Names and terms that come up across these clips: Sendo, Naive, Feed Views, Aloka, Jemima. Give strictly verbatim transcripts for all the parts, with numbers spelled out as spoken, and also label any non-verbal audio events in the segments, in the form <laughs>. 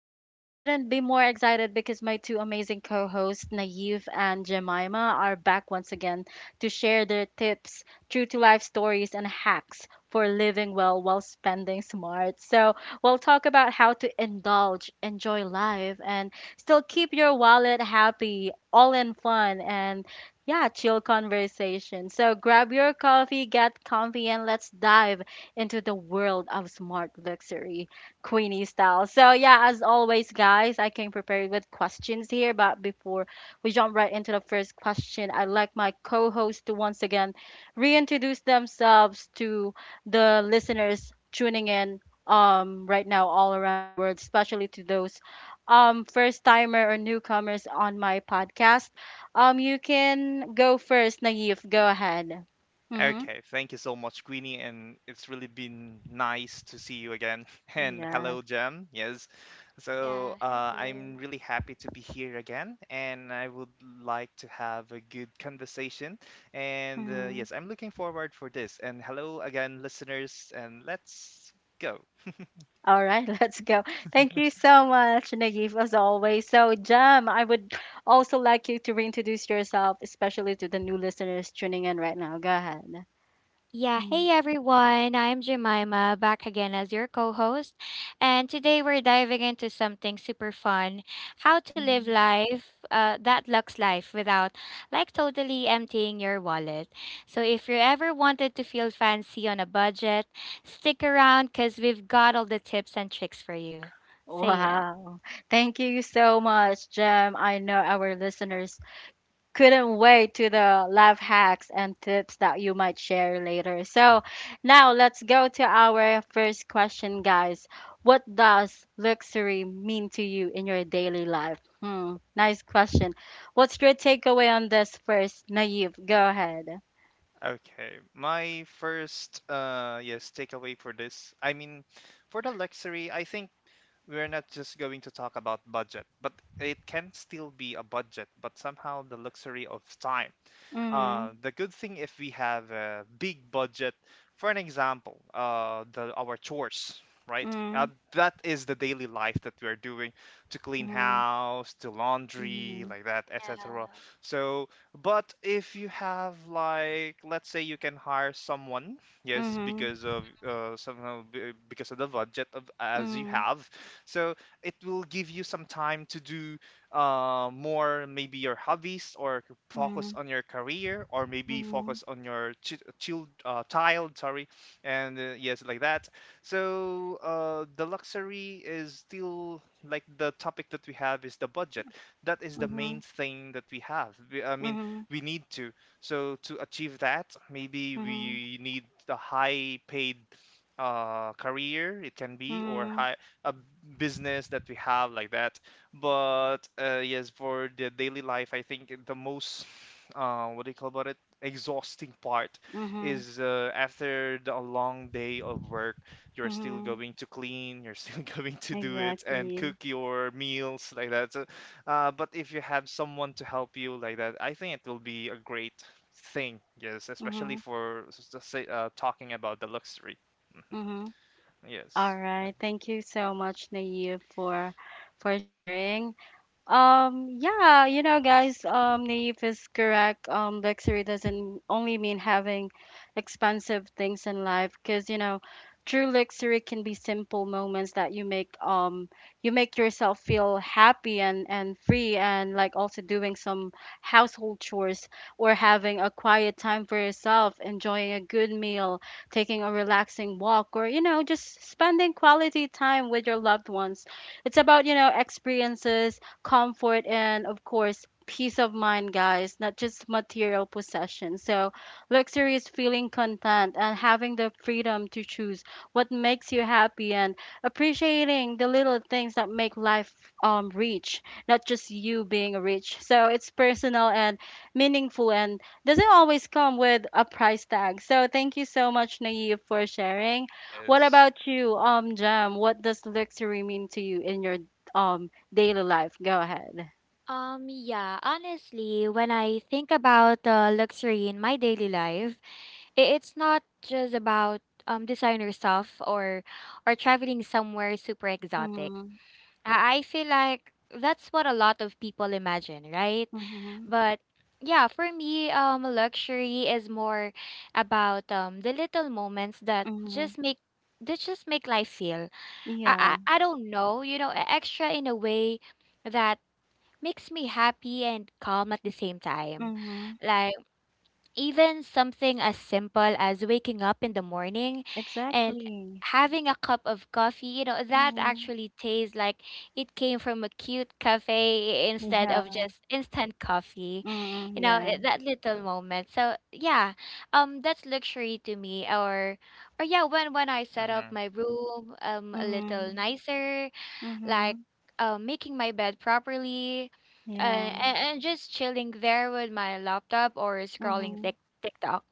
um, I couldn't be more excited because my two amazing co-hosts, Naive and Jemima, are back once again to share their tips, true to life stories, and hacks for living well while spending smart. So we'll talk about how to indulge, enjoy life, and still keep your wallet happy, all in fun and, yeah, chill conversation. So grab your coffee, get comfy, and let's dive into the world of smart luxury. Queenie style. So, yeah, as always, guys, I came prepared with questions here. But before we jump right into the first question, I'd like my co-host to once again reintroduce themselves to the listeners tuning in um right now all around the world, especially to those um first timer or newcomers on my podcast. Um, you can go first, Naive. Go ahead. Mm-hmm. Okay, thank you so much, Queenie, and it's really been nice to see you again. <laughs> And Yeah. hello, Jam. Yes, so Yeah, uh, hello. I'm really happy to be here again, and I would like to have a good conversation. And uh, yes, I'm looking forward for this. And hello again, listeners, and let's go. All right, <laughs> let's go. Thank you so much, Naive, as always. So, Jem, I would also like you to reintroduce yourself, especially to the new listeners tuning in right now. Go ahead. Yeah, Mhm. hey everyone, I'm Jemima, back again as your co host. And today we're diving into something super fun, how to live life, uh, that lux life, without like totally emptying your wallet. So if you ever wanted to feel fancy on a budget, stick around because we've got all the tips and tricks for you. So, yeah. Wow. Thank you so much, Jem. I know our listeners couldn't wait to the life hacks and tips that you might share later. So, now let's go to our first question, guys. What does luxury mean to you in your daily life? Hmm, nice question. What's your takeaway on this first, Naive? Go ahead. Okay, my first uh yes takeaway for this. I mean, for the luxury, I think we're not just going to talk about budget, but it can still be a budget, but somehow the luxury of time. Mm-hmm, uh, The good thing if we have a big budget, for an example, uh, the our chores, right? mm-hmm, Uh, that is the daily life that we are doing to clean house, to laundry, mm-hmm, like that, et cetera. Yeah. So, but if you have like, let's say you can hire someone, yes, mm-hmm, because of uh, somehow b- because of the budget of as you have, so it will give you some time to do uh, more maybe your hobbies or c- mm-hmm, focus on your career or maybe mm-hmm, focus on your ch- child uh, child, sorry. And uh, Yes, like that. So uh, the luxury is still like the topic that we have is the budget. That is the mm-hmm, main thing that we have we, I mean mm-hmm, we need to, so to achieve that maybe mm-hmm, mm-hmm, we need a high paid uh, career it can be, or high a business that we have, like that. But uh, yes, for the daily life, I think the most, uh, what do you call about it, exhausting part mm-hmm, is, uh, after the, a long day of work, you're still mm-hmm, going to clean, you're still <laughs> going to do it and exactly. cook your meals, like that. So, uh, but if you have someone to help you like that, I think it will be a great thing. Yes, especially Mm-hmm. for s- s- say, uh, talking about the luxury. Mhm. All Yes. right. Thank you so much, Naive, for for sharing. Um, yeah, you know, guys, um, Naive is correct. Um, luxury doesn't only mean having expensive things in life, because you know, true luxury can be simple moments that you make um you make yourself feel happy and and free, and like also doing some household chores or having a quiet time for yourself, enjoying a good meal, taking a relaxing walk, or you know, just spending quality time with your loved ones. It's about, you know, experiences, comfort, and of course peace of mind, guys, not just material possession. So luxury is feeling content and having the freedom to choose what makes you happy, and appreciating the little things that make life um rich, not just you being rich. So it's personal and meaningful, and doesn't always come with a price tag. So thank you so much, Naive, for sharing. What Yes. about you, um Jam? What does luxury mean to you in your um daily life? Go ahead. Um yeah, honestly, when I think about the luxury in my daily life, i- it's not just about um designer stuff or or traveling somewhere super exotic. Mhm. I I feel like that's what a lot of people imagine, right? Mhm. But yeah, for me, um luxury is more about um the little moments that Mhm. just make that just make life feel. I Yeah. I, I don't know, you know, e- extra in a way that makes me happy and calm at the same time. Mhm. Like even something as simple as waking up in the morning and Exactly. having a cup of coffee, you know, that Mhm. actually tastes like it came from a cute cafe instead of Yeah. just instant coffee. Mhm. You know, Yeah. i- that little moment. So, yeah, um that's luxury to me. or or yeah, when when I set up Mm-hmm. my room um a little Mhm. nicer, like Mhm. uh, making my bed properly, uh, Yeah. and, and just chilling there with my laptop or scrolling Mhm. Tik TikTok.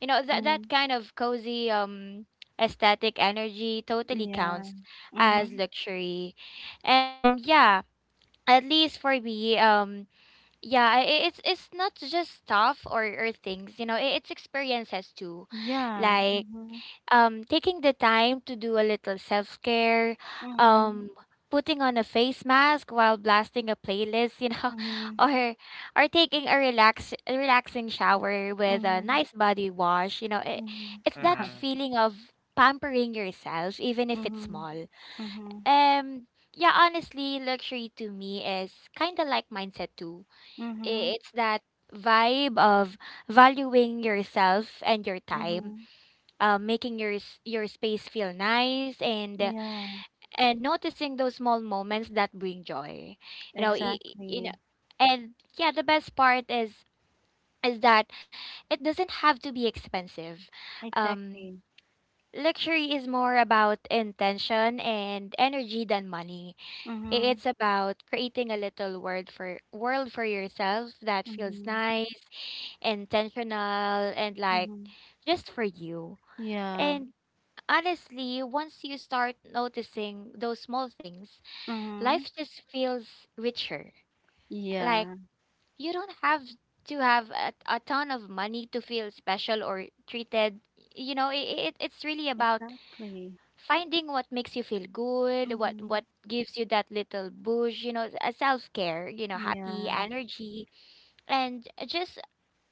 You know, that that Mhm. kind of cozy um aesthetic energy totally Yeah. counts as Mhm. luxury, and um yeah, at least for me. Um yeah, i- i- it's it's not just stuff or or things, you know, i- it's experiences too. Yeah. Like Mhm. um, taking the time to do a little self care, Mhm. um, putting on a face mask while blasting a playlist, you know, <laughs> Mhm. or or taking a relax a relaxing shower with a Mhm. nice body wash. You know, it, Mhm. it's that Wow. Mm-hmm. feeling of pampering yourself, even if it's Mhm. small. Mhm. Um, yeah, honestly, luxury to me is kind of like mindset too. Mhm. I- It's that vibe of valuing yourself and your time, Mhm. uh, making your s- your space feel nice, and uh, Yeah. and noticing those small moments that bring joy, you know i- i- you know Exactly. And yeah, the best part is is that it doesn't have to be expensive. um Exactly. Luxury is more about intention and energy than money. I- Mhm. It's about creating a little world for world for yourself that feels Mhm. nice, intentional, and like Mhm. just for you. Yeah. And Honestly, once you start noticing those small things, Mhm. life just feels richer. Like, Yeah, you don't have to have a, a ton of money to feel special or treated. You know, it, it, it's really about exactly. finding what makes you feel good, what, Mm-hmm. what gives you that little boost, you know, a self care, you know, happy Yeah. energy, and just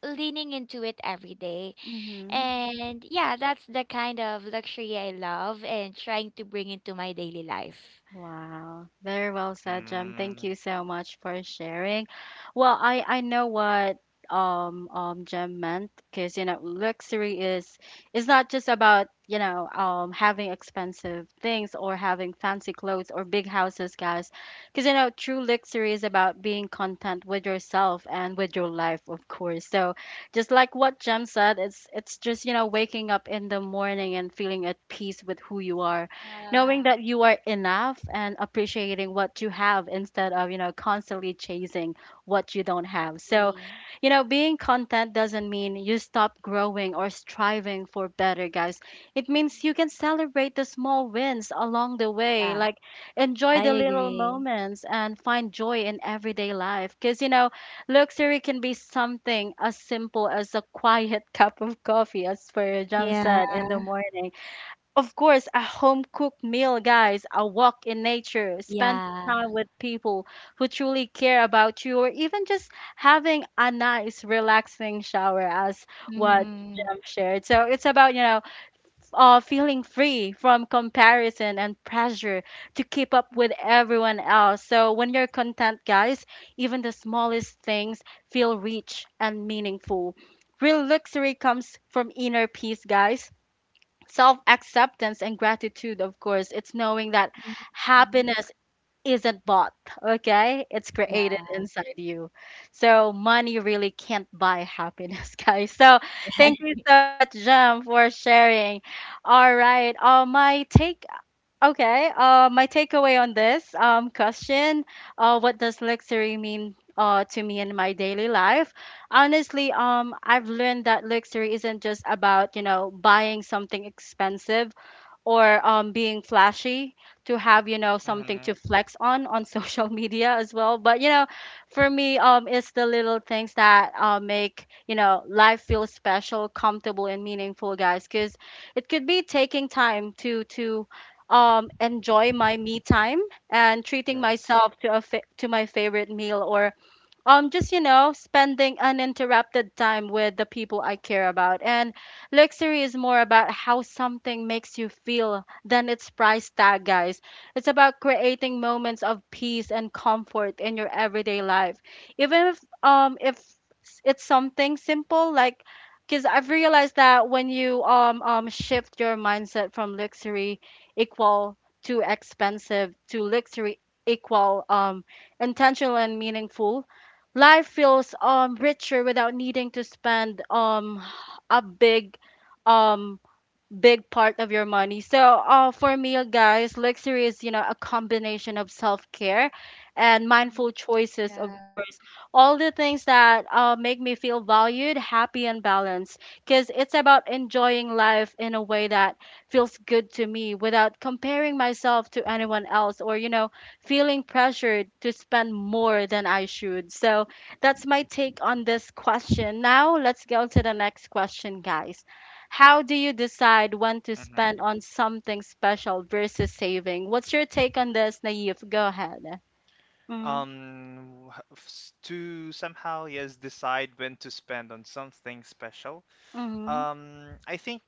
leaning into it every day. Mm-hmm. And yeah, that's the kind of luxury I love and trying to bring into my daily life. Wow, very well said, Jem. Thank you so much for sharing. Well, I I know what um um Jem meant, because you know luxury is is not just about, you know, um having expensive things or having fancy clothes or big houses, guys. Because you know true luxury is about being content with yourself and with your life, of course. So, just like what Jem said, it's it's just, you know, waking up in the morning and feeling at peace with who you are, knowing Yeah, that you are enough and appreciating what you have, instead of, you know, constantly chasing what you don't have. So, exactly. you know, being content doesn't mean you stop growing or striving for better, guys. It means you Mhm. can celebrate the small wins along the way, Yeah, like enjoy I the little agree. moments and find joy in everyday life. Because, you know, luxury can be something as simple as a quiet <laughs> cup of coffee, as per Jam Yeah, said, in the morning. Of course, a home cooked meal, guys, a walk in nature, spending yeah. time with people who truly care about you, or even just having a nice, relaxing shower, as what Mm-hmm. Jem shared. So it's about, you know, uh, feeling free from comparison and pressure to keep up with everyone else. So when you're content, guys, even the smallest things feel rich and meaningful. Real luxury comes from inner peace, guys, self acceptance and gratitude, of course. It's knowing that happiness isn't bought, okay? It's created Yeah. inside you. So, money really can't buy happiness, <laughs> guys. So, thank you <laughs> so much, Jem, for sharing. All right. Uh, my take Okay. Uh, my takeaway on this um, question, uh, what does luxury mean uh, to me in my daily life? Honestly, um, I've learned that luxury isn't just about, you know, buying something expensive or um, being flashy to have, you know, something Mm-hmm. to flex on on <laughs> social media as well. But you know, for me, um it's the little things that uh, make, you know, life feel special, comfortable and meaningful, guys. Because it could be taking time to to um enjoy my me time, and treating Yes. myself to a fa- to my favorite meal, or um just, you know, spending uninterrupted time with the people I care about. And luxury is more about how something makes you feel than its price tag, guys. It's about creating moments of peace and comfort in your everyday life, even if um if s- it's something simple. Like, because I've realized that when you um um shift your mindset from luxury equal to expensive to luxury equal um intentional and meaningful, life feels um richer without needing to spend um a big um big part of your money. So, uh, for me, guys, luxury is, you know, a combination of self-care and Mm, mindful choices, of Yeah. course. All the things that uh, make me feel valued, happy, and balanced. Because it's about enjoying life in a way that feels good to me without comparing myself to anyone else or, you know, feeling pressured to spend more than I should. So, that's my take on this question. Now, let's go to the next question, guys. How do you decide when to Mm-hmm. spend on something special versus saving? What's your take on this, Naive? Go ahead. Mm-hmm. Um, wh- s- to somehow yes decide when to spend on something special. Mm-hmm. Um, I think,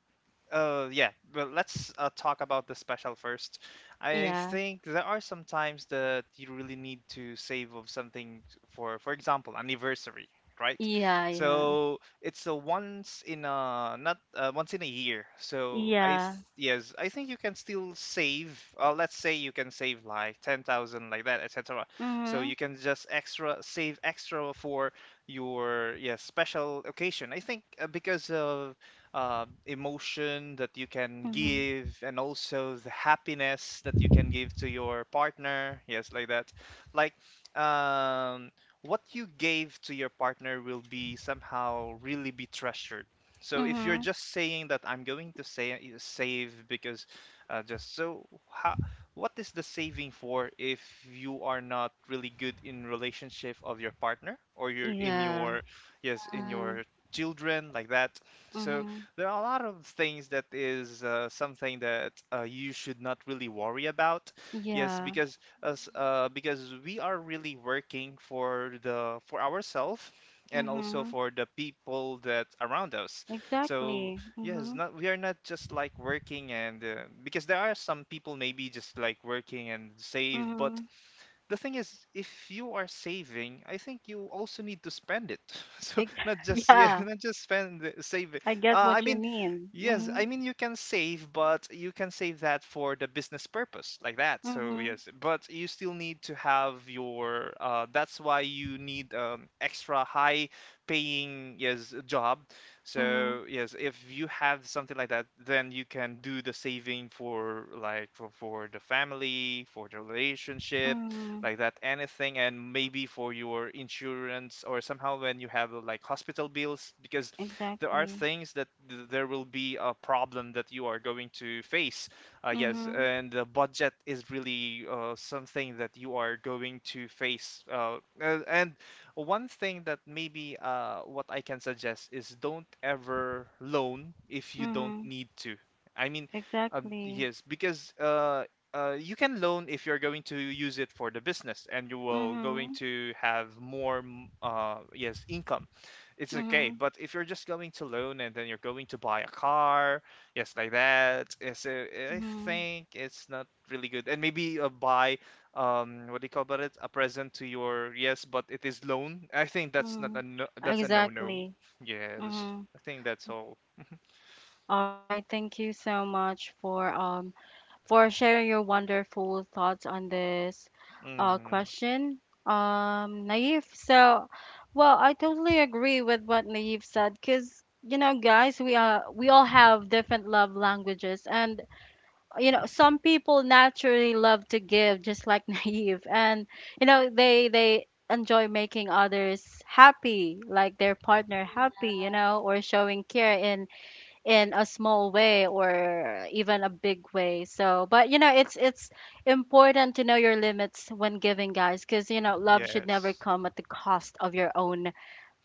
Uh, yeah, but let's uh, talk about the special first. I Yeah. think there are some times that you really need to save of something, for, for example, anniversary, right? Yeah. Yeah. So it's a once in a not, uh, once in a year. So I th- Yeah. yes, I think you can still save. Uh, let's say you can save like ten thousand, like that, et cetera. So Mm-hmm. you can just extra save extra for your yes special occasion. I think uh, because of um, emotion that you can Mm-hmm. give and also the happiness that you can give to your partner, yes, like that. Like um, what you gave to your partner will be somehow really be treasured. So if you're Mm-hmm. just saying that I'm going to say, save, because uh, just so how, what is the saving for if you are not really good in relationship of your partner, or you're in Yeah. your yes in Mm-hmm. your children, like that. So Mm-hmm. there are a lot of things that is uh, something that uh, you should not really worry about. Yes, Yeah. because us uh, because we are really working for the for ourselves and also Mm-hmm. for the people that around us. So Exactly. yes, Mm-hmm. not we are not just like working. And uh, because there are some people maybe just like working and save, but Mm-hmm. the thing is if you are saving I think you also need to spend it. <laughs> So Ex- not <laughs> just, yeah, <laughs> yeah. not just spend it, save it. I guess uh, I what you mean, mean. yes, I Mm-hmm. mean you can save, but you can save that for the business purpose, like that. So Mm-hmm. yes, but you still need to have your, uh, that's why you need um, extra high paying yes job. Mm-hmm. So yes, if you have something like that, then you can do the saving for like for, for the family, for the relationship, Mm-hmm. like that, anything. And maybe for your insurance, or somehow when you have uh, like hospital bills, because there are Exactly. things that th- there will be a problem that you are going to face. Uh, yes, Mm-hmm. and the budget is really uh, something that you are going to face. Uh, a- and one thing that maybe, uh, what I can suggest is, don't ever loan if you don't Mm-hmm. need to. I mean, um, Exactly. yes, because uh, uh, you can loan if you're going to use it for the business and you will going Mhm, to have more, m- uh, yes, income, it's okay. mhm, But if you're just going to loan and then you're going to buy a car, yes like that, yes, uh, I mhm, think it's not really good. And maybe uh, buy um, what do you call about it, a present to your yes, but it is loan, I think that's not a mhm. no, that's a no no. Exactly. Yes, Mhm. I think that's all. All right. Thank you so much for um for sharing your wonderful thoughts on this uh Mm. question. Um, Naive. So, well, I totally agree with what Naive said. Cause you know, guys, we uh we all have different love languages, and you know some people naturally love to give, just like <laughs> Naive, and you know Mhm. they they enjoy making others happy, like their partner Yeah. happy, you know, or showing care in in a small way or even a big way. So, but you know it's it's important to know your limits when giving, guys, because you know love should never Yes. come at the cost of your own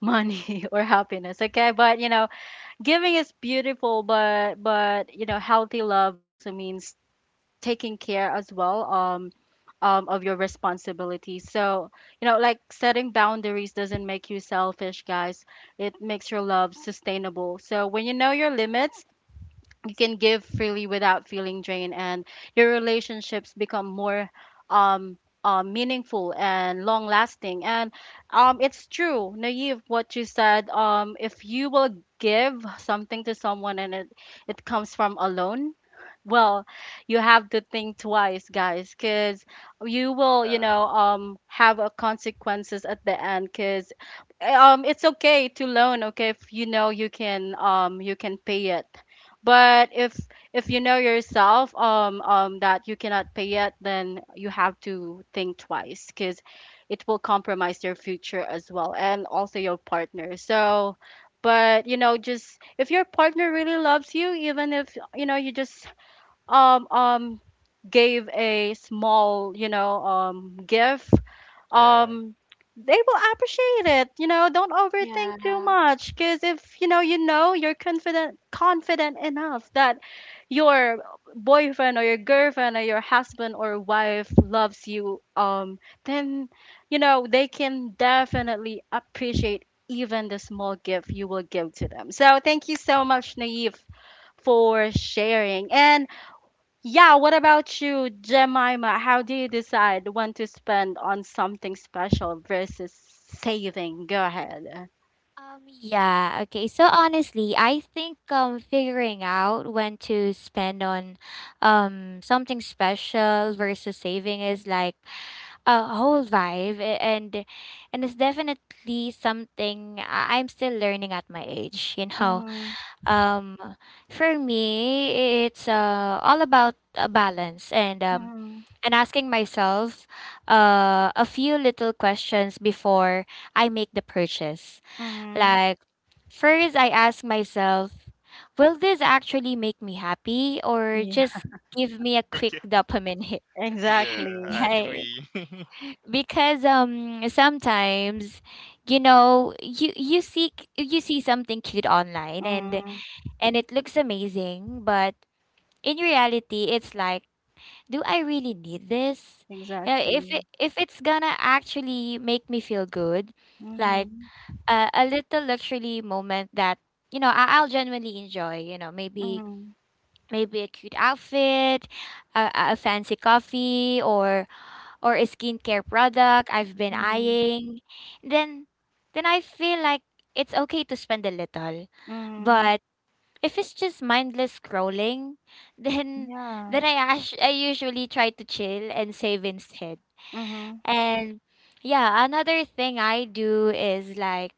money <laughs> or happiness, okay? But you know giving is beautiful, but but you know healthy love also means taking care as well, um, um, of your responsibilities. So, you know, like setting boundaries doesn't make you selfish, guys. It makes your love sustainable. So, when you know your limits, you can give freely without feeling drained, and your relationships become more um, uh, meaningful and long lasting. And um, it's true, Naive, what you said. Um, if you will give something to someone and it, it comes from alone, well, you have to think twice, guys, because you will, you Yeah. know, um, have a consequences at the end. Because um, it's okay to loan, okay, if you know you can, um, you can pay it. But if if you know yourself, um, um, that you cannot pay it, then you have to think twice, because it will compromise your future as well, and also your partner. So, but you know, just if your partner really loves you, even if you know you just um um gave a small, you know, um gift, Yeah. um they will appreciate it. You know, don't overthink too much, because if you know, you know you're confident confident enough that your boyfriend or your girlfriend or your husband or wife loves you, um then you know they can definitely appreciate even the small gift you will give to them. So thank you so much, Naive, for sharing. And yeah, what about you, Jemima? How do you decide when to spend on something special versus saving? Go ahead. Um, yeah, okay. So honestly, I think um figuring out when to spend on um something special versus saving is like a whole vibe, a- and and it's definitely something I- I'm still learning at my age, you know. Mm-hmm. Um for me, it's uh all about a balance, and um and asking myself uh a few little questions before I make the purchase. Mm-hmm. Like, First, I ask myself, will this actually make me happy or Yeah, just give me a quick dopamine hit? <laughs> Yeah, <laughs> exactly. I Yeah, agree. because um sometimes, you know, you you see you see something cute online, and Mm-hmm. and it looks amazing, but in reality it's like, do I really need this? You know, if Exactly. it, if it's gonna actually make me feel good, like Mm-hmm. a, a little luxury moment that, you know, I, I'll genuinely enjoy. You know, maybe Mm-hmm. maybe a cute outfit, a, a a fancy coffee, or or a skincare product I've been Mm-hmm. eyeing. Then then I feel like it's okay to spend a little, Mm-hmm. but if it's just mindless scrolling, <laughs> then Yeah. then I ash- I usually try to chill and save instead. Mm-hmm. And yeah, another thing I do is like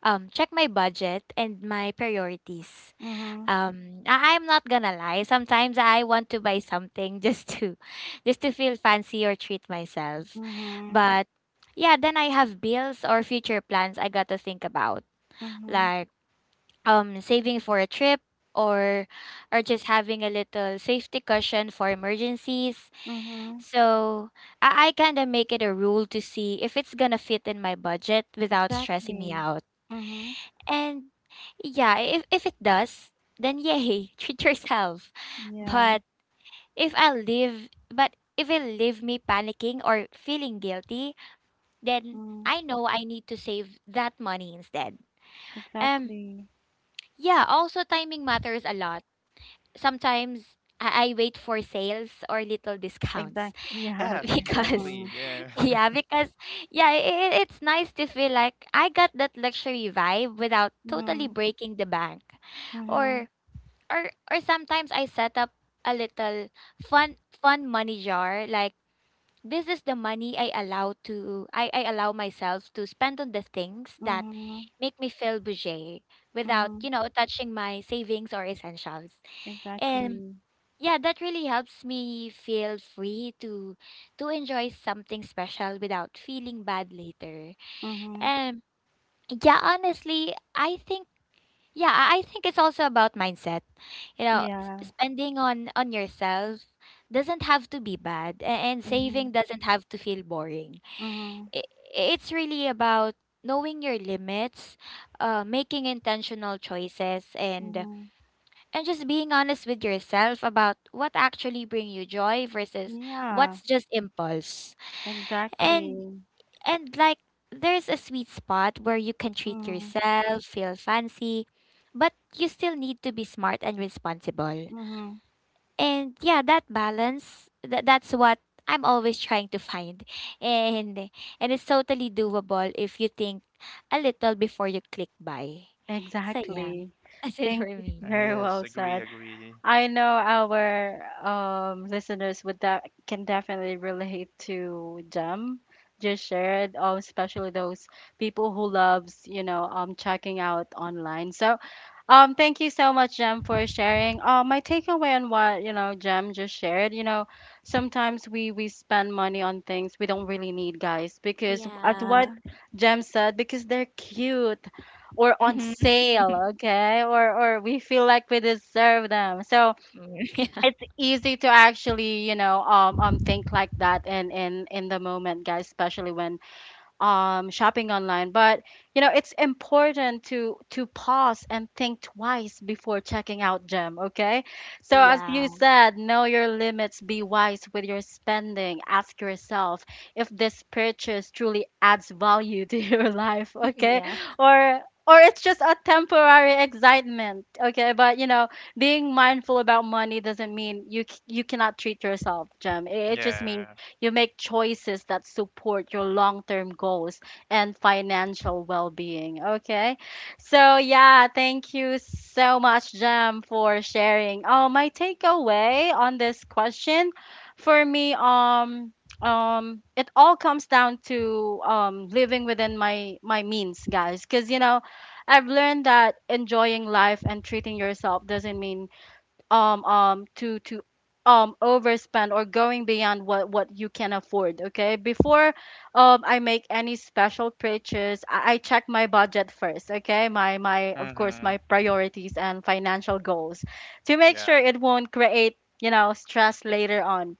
um check my budget and my priorities. Mm-hmm. Um I- I'm not gonna lie. Sometimes I want to buy something just to <laughs> just to feel fancy or treat myself. Mm-hmm. But yeah, then I have bills or future plans I got to think about. Mm-hmm. Like um saving for a trip, or or just having a little safety cushion for emergencies. Mm-hmm. So I, I kind of make it a rule to see if it's gonna fit in my budget without stressing me Exactly. out. Mm-hmm. And yeah, if, if it does, then yay, <laughs> treat yourself. Yeah. But if I live, but if it leave me panicking or feeling guilty, then Mm-hmm. Mm. I know I need to save that money instead. Um, Exactly. yeah, also timing matters a lot. Sometimes I, I wait for sales or little discounts Exactly. <laughs> Yeah, <laughs> Yeah, okay. because exactly. Mm-hmm. Yeah. Yeah, <laughs> because yeah, it, it's nice to feel like I got that luxury vibe without totally Mm-hmm. breaking the bank. Mm-hmm. Or or or sometimes I set up a little fun fun money jar, like, this is the money I allow to I, I, allow myself to spend on the things that Mm-hmm. make me feel bougie without, you Mm-hmm. know, touching my savings or essentials. Exactly. Yeah, that really helps me feel free to to enjoy something special without feeling bad later. Mm-hmm. And yeah, honestly, I think, yeah, I I think it's also about mindset. You know, s- Yeah. spending on on yourself doesn't have to be bad, a- and Mm-hmm. saving doesn't have to feel boring. Mm-hmm. I- It's really about knowing your limits, uh, making intentional choices, and Mm-hmm. and just being honest with yourself about what actually bring you joy versus Yeah. what's just impulse. And Exactly. and like there's a sweet spot where you can treat Mm-hmm. yourself, feel fancy, but you still need to be smart and responsible. Mm-hmm. And yeah, that balance that that's what I'm always trying to find. <laughs> And and it's totally doable if you think a little before you click buy. So yeah, Exactly. <laughs> that's it for Thank you. <laughs> me. Uh, Very yes, well agree, said. agree. I know our um listeners would that can definitely relate to Jem just shared, um, especially those people who loves, you know, um checking out online. So Um, thank you so much, Jem, for sharing. Uh, my takeaway on what you know Jem just shared, you know, sometimes we we spend money on things we don't really need, guys, because at what Yeah. Jem said, because they're cute or on Mhm. Mm, sale, okay, or or we feel like we deserve them. So it's <laughs> easy to actually, you know, um, um, think like that in in in the moment, guys, especially when um, shopping online. But you know, it's important to to pause and think twice before checking out, Gem. Okay, so yeah. as Yeah. you said, know your limits, be wise with your spending. Ask yourself if this purchase truly adds value to <laughs> your life. Okay, Yeah. <laughs> or or it's just a temporary excitement, okay? But you know, being mindful about money doesn't mean you c- you cannot treat yourself, Gem. it it just means Yeah. you make choices that support your long term goals and financial well being. Okay. So, yeah, thank you so much, Jem, for sharing. Oh, my takeaway on this question for me, um, um it all comes down to um living within my my means, guys, because you know I've learned that enjoying life and treating yourself doesn't mean um um to to um overspend or going beyond what what you can afford, okay? Before um I make any special purchase, i, I check my budget first, okay? My my of course my Mm-hmm. priorities and financial goals to make Yeah. sure it won't create, you know, stress later on.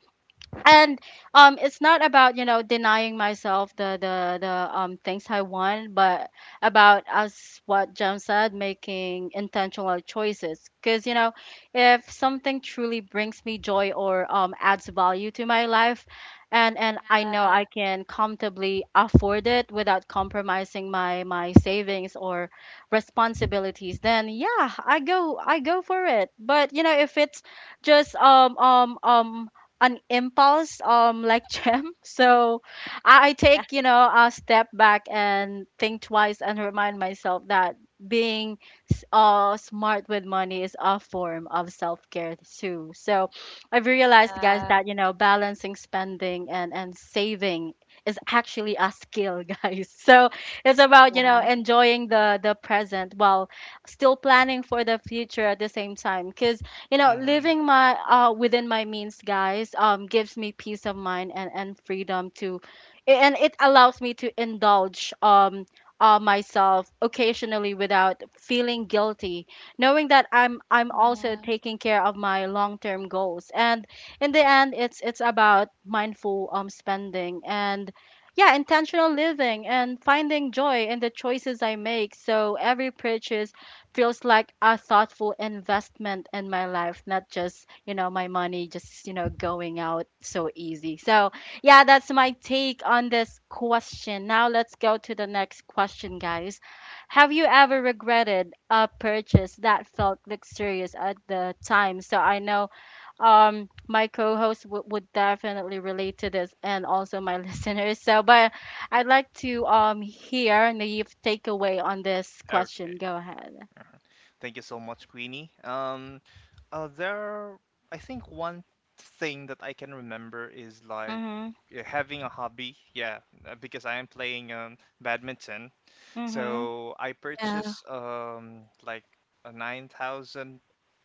And um it's not about, you know, denying myself the the the um things I want, but about, as what Jem said, making intentional choices, because you know, if something truly brings me joy or um adds value to my life, and and I know I can comfortably afford it without compromising my my savings or responsibilities, then yeah, i go i go for it. But you know, if it's just um um um an impulse um like Gem, <laughs> so I, I Yeah. take, you know, a step back and think twice, and remind myself that being s- uh smart with money is a form of self-care too. So I've realized, guys, that you know, balancing spending and and saving is actually a skill <laughs> guys, so it's Yeah. about, you know, Uh, Yeah. enjoying the the present while still planning for the future at the same time, because you know, Mm-hmm. living my uh within my means, guys, um gives me peace of mind and and freedom to, and it allows me to indulge um uh, myself occasionally without feeling guilty, knowing that i'm i'm also taking care of my long-term goals. And in the end, it's it's about mindful um spending and yeah, intentional living, and finding joy in the choices I make. So every purchase feels like a thoughtful investment in my life, not just, you know, my money just, you know, going out so easy. So, yeah, that's my take on this question. Now let's go to the next question, guys. Have you ever regretted a purchase that felt luxurious at the time? So, I know um my co-host w- would definitely relate to this and also my <laughs> listeners. So, but I'd like to um hear Naif take away on this question. Okay. Go ahead. Thank you so much, Queenie. Um, uh, there, I think one thing that I can remember is like, Mhm, yeah, having a hobby. Yeah, uh, because I am playing um badminton. mhm. So I Yeah. purchased um like a nine thousand,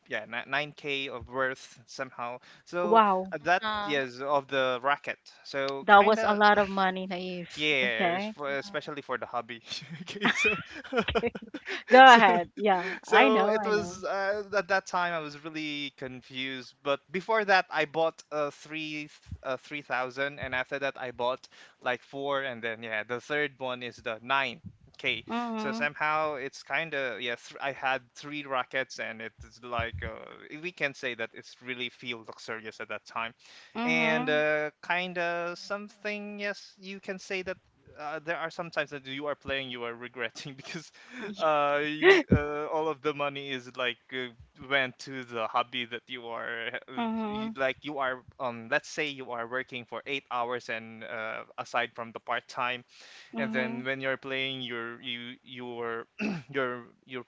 yeah, nine k of worth somehow. So Wow, that Huh. yes of the racket. So that kind was a of lot of money, Naive. yeah, yeah, it's Okay. for, especially for the hobby. <laughs> Okay, so <laughs> Go so ahead. Yeah, I so know, it I know. was, uh, at that time I was really confused. But before that, I bought uh, three uh, three thousand, and after that, I bought like four, and then yeah, the third one is the nine k. So Mhm, somehow it's kind of yeah. Th- I had three rockets, and it's like uh, we can say that it's really feel luxurious at that time, and mhm. uh, kind of something. Yes, you can say that uh, there are sometimes that you are playing, you are regretting <laughs> because, y- uh, y- uh, all of the money is like uh, went to the hobby that you are, uh, uh, you, Mhm, like you are, um let's say you are working for eight hours and uh, aside from the part time, and mhm, then when you're playing your you you're <clears throat> your your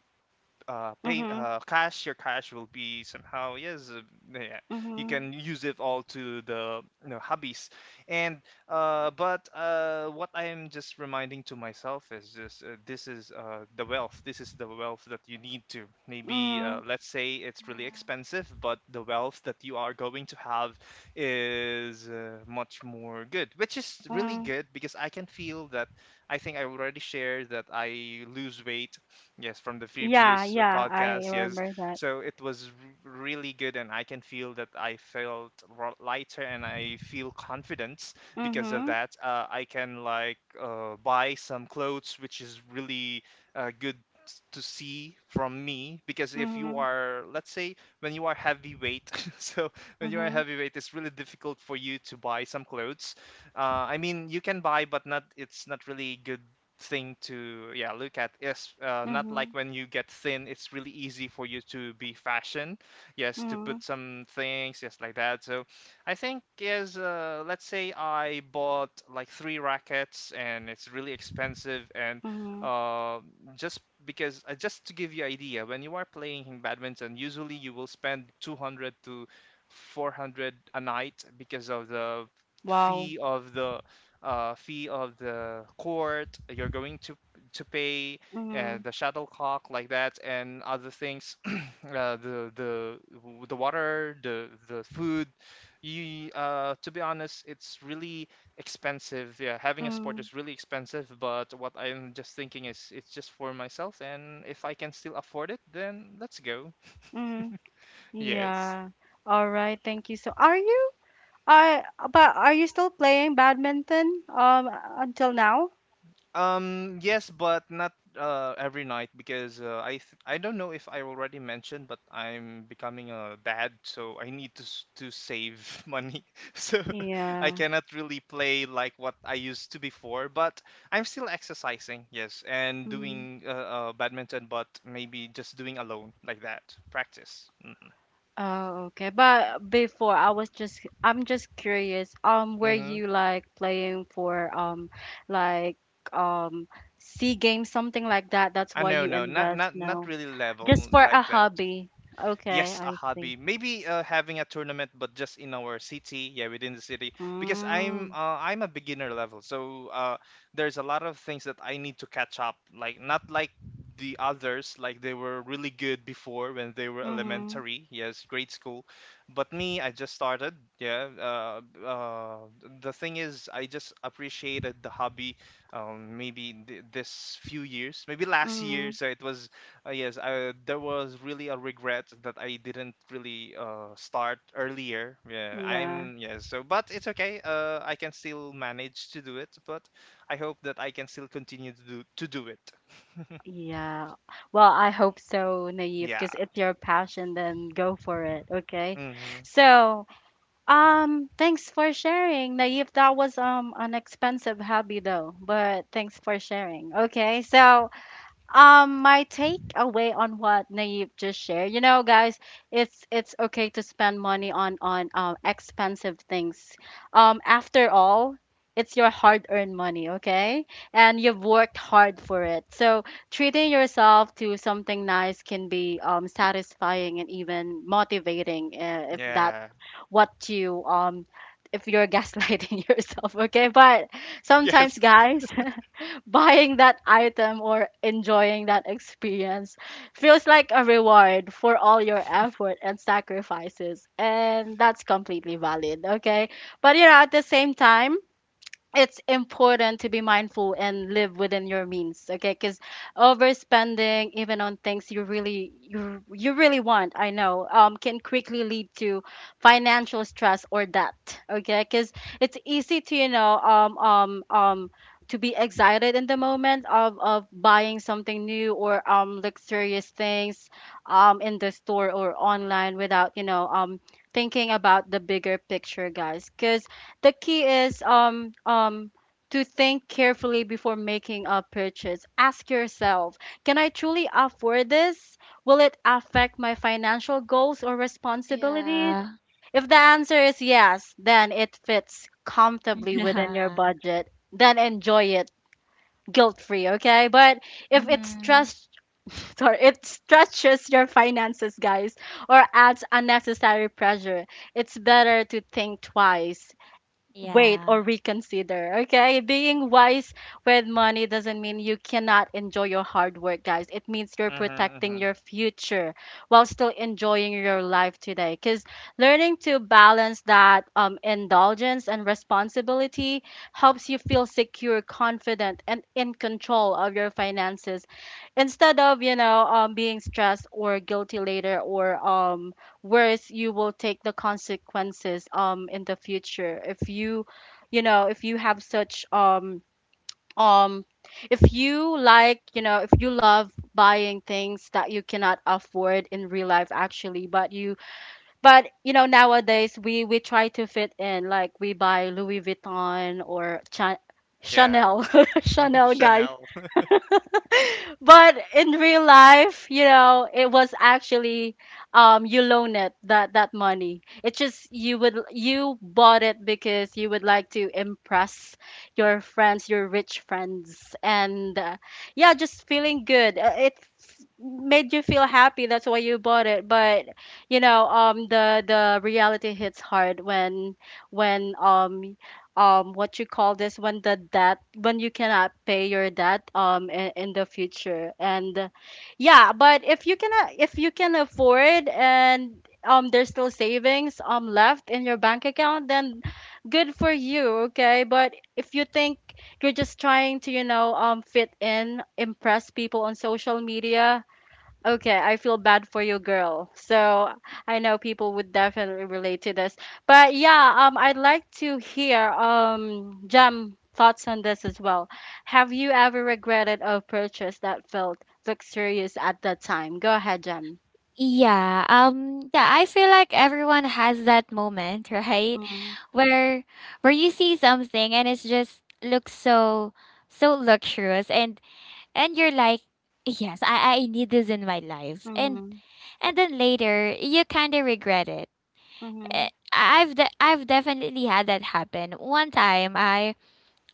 uh, pay mhm, uh, cash, your cash will be somehow, yes, uh, yeah, you mhm, can use it all to the, you know, hobbies. And uh, but uh, What I am just reminding to myself is just, uh, this is uh, the wealth. This is the wealth that you need to maybe, uh, mhm, let's say it's really expensive, but the wealth that you are going to have is, uh, much more good, which is really mhm. good because I can feel that, I think I already shared that I lose weight. Yes, from the Feed Yeah, Views yeah, I podcast. Yes. remember that. So it was r- really good, and I can feel that I felt ro- lighter, and I feel confidence because of Mhm, that. Uh, I can like uh, buy some clothes, which is really uh, good s- to see from me, because if you mhm, are, let's say, when you are heavyweight <laughs> so when you are mhm, heavyweight it's really difficult for you to buy some clothes. uh, I mean you can buy, but not, it's not really good thing to yeah look at, yes, uh, not like mhm, when you get thin it's really easy for you to be fashion, yes, to put mhm, some things, yes, like that. So I think yes, uh, let's say I bought like three rackets and it's really expensive, and mhm. uh, just because, uh, just to give you idea, when you are playing badminton usually you will spend two hundred to four hundred a night because of the Wow. fee of the, uh, fee of the court you're going to to pay, and Mhm, the shuttlecock like that and other things, <clears throat> uh, the the w- the water, the the food, you uh, to be honest it's really expensive. Yeah, having a sport mhm, is really expensive, but what I'm just thinking is, it's just for myself, and if I can still afford it then let's go. mhm. <laughs> Yes. Yeah. All right, thank you. So, are you I but are you still playing badminton um until now? Um, yes, but not uh, every night, because uh, I th- I don't know if I already mentioned, but I'm becoming a dad, so I need to s- to save <laughs> money. <laughs> So I Yeah. cannot really play like what I used to before, but I'm still exercising, yes, and Mhm. doing uh, uh, badminton, but maybe just doing alone like that, practice. Oh, okay. But before I was just I'm just curious. Um, were Mm-hmm. you like playing for um like um sea games something like that? That's Uh, why no, you no, not invest not not now. really level Just for a like that. hobby. Okay, Yes, a I see. hobby. Maybe uh, having a tournament but just in our city, yeah, within the city because i'm Mm, uh, i'm a beginner level, so uh, there's a lot of things that I need to catch up, like not like the others. Like, they were really good before when they were mm-hmm. elementary, yes, grade school, but me, I just started. Yeah. Uh, uh, the thing is, I just appreciated the hobby. Um, maybe th- This few years, maybe last Mm-hmm. year, so it was uh, yes, I, there was really a regret that I didn't really uh, start earlier. Yeah, Yeah. I'm yes. So, but it's okay. Uh, I can still manage to do it. But I hope that I can still continue to do to do it. <laughs> Yeah. Well, I hope so, Naive, Yeah. because it's your passion, then go for it, okay? Hmm. So, um, thanks for sharing, Naive. That was um an expensive hobby though, but thanks for sharing. Okay, so um, my takeaway on what Naive just shared, you know, guys, it's it's okay to spend money on on um, expensive things. Um, after all, it's your hard-earned money, okay? And you've worked hard for it. So treating yourself to something nice can be um, satisfying and even motivating, uh, if that Yeah. what you um if you're gaslighting <laughs> yourself, okay? But <laughs> Yes. sometimes, guys. <laughs> <laughs> buying that item or enjoying that experience feels like a reward for all your effort and sacrifices. And that's completely valid, okay? But you know, at the same time, it's important to be mindful and live within your means, okay? Because overspending, even on things you really you, you really want, I know, um, can quickly lead to financial stress or debt, okay? Because it's easy to, you know, um um um to be excited in the moment of, of buying something new or um luxurious things um in the store or online without, you know, um thinking about the bigger picture, guys, because the key is um um to think carefully before making a purchase. Ask yourself, can I truly afford this? Will it affect my financial goals or responsibilities? Yeah. If the answer is yes, then it fits comfortably Yeah. within your <laughs> budget, then enjoy it guilt-free, okay? But if it Mhm. stress <laughs> sorry, it stretches your finances, guys, or adds unnecessary pressure, it's better to think twice, wait, Yeah. or reconsider. Okay, being wise with money doesn't mean you cannot enjoy your hard work, guys. It means you're protecting Hmm. your future while still enjoying your life today. Because learning to balance that um, indulgence and responsibility helps you feel secure, confident, and in control of your finances instead of, you know, um, being stressed or guilty later, or um whereas you will take the consequences um in the future if you, you know, if you have such um um if you, like, you know, if you love buying things that you cannot afford in real life actually, but you but you know, nowadays we we try to fit in, like we buy Louis Vuitton or Cha- Yeah. Chanel, <laughs> Chanel, guys, Chanel. but in real life, you know, it was actually um you loan it, that that money. It's just you would you bought it because you would like to impress your friends, your rich friends, and uh, yeah, just feeling good. Uh, It f- made you feel happy. That's why you bought it. But you know, um, the the reality hits hard when when um um what you call this, when the debt, when you cannot pay your debt um in, in the future, and uh, yeah, but if you cannot, if you can afford, and um there's still savings um left in your bank account, then good for you, okay? But if you think you're just trying to, you know, um fit in, impress people on social media. Okay, I feel bad for you, girl. So I know people would definitely relate to this. But yeah, um, I'd like to hear um Jam thoughts on this as well. Have you ever regretted a purchase that felt luxurious at the time? Go ahead, Jam. Yeah. Um yeah, I feel like everyone has that moment, <laughs> right? Mhm, Where where you see something and it's just looks so so luxurious, and and you're like, yes, I I need this in my life. And mhm, and then later you kind of regret it. eh, mhm, I've de- I've definitely had that happen. One time, I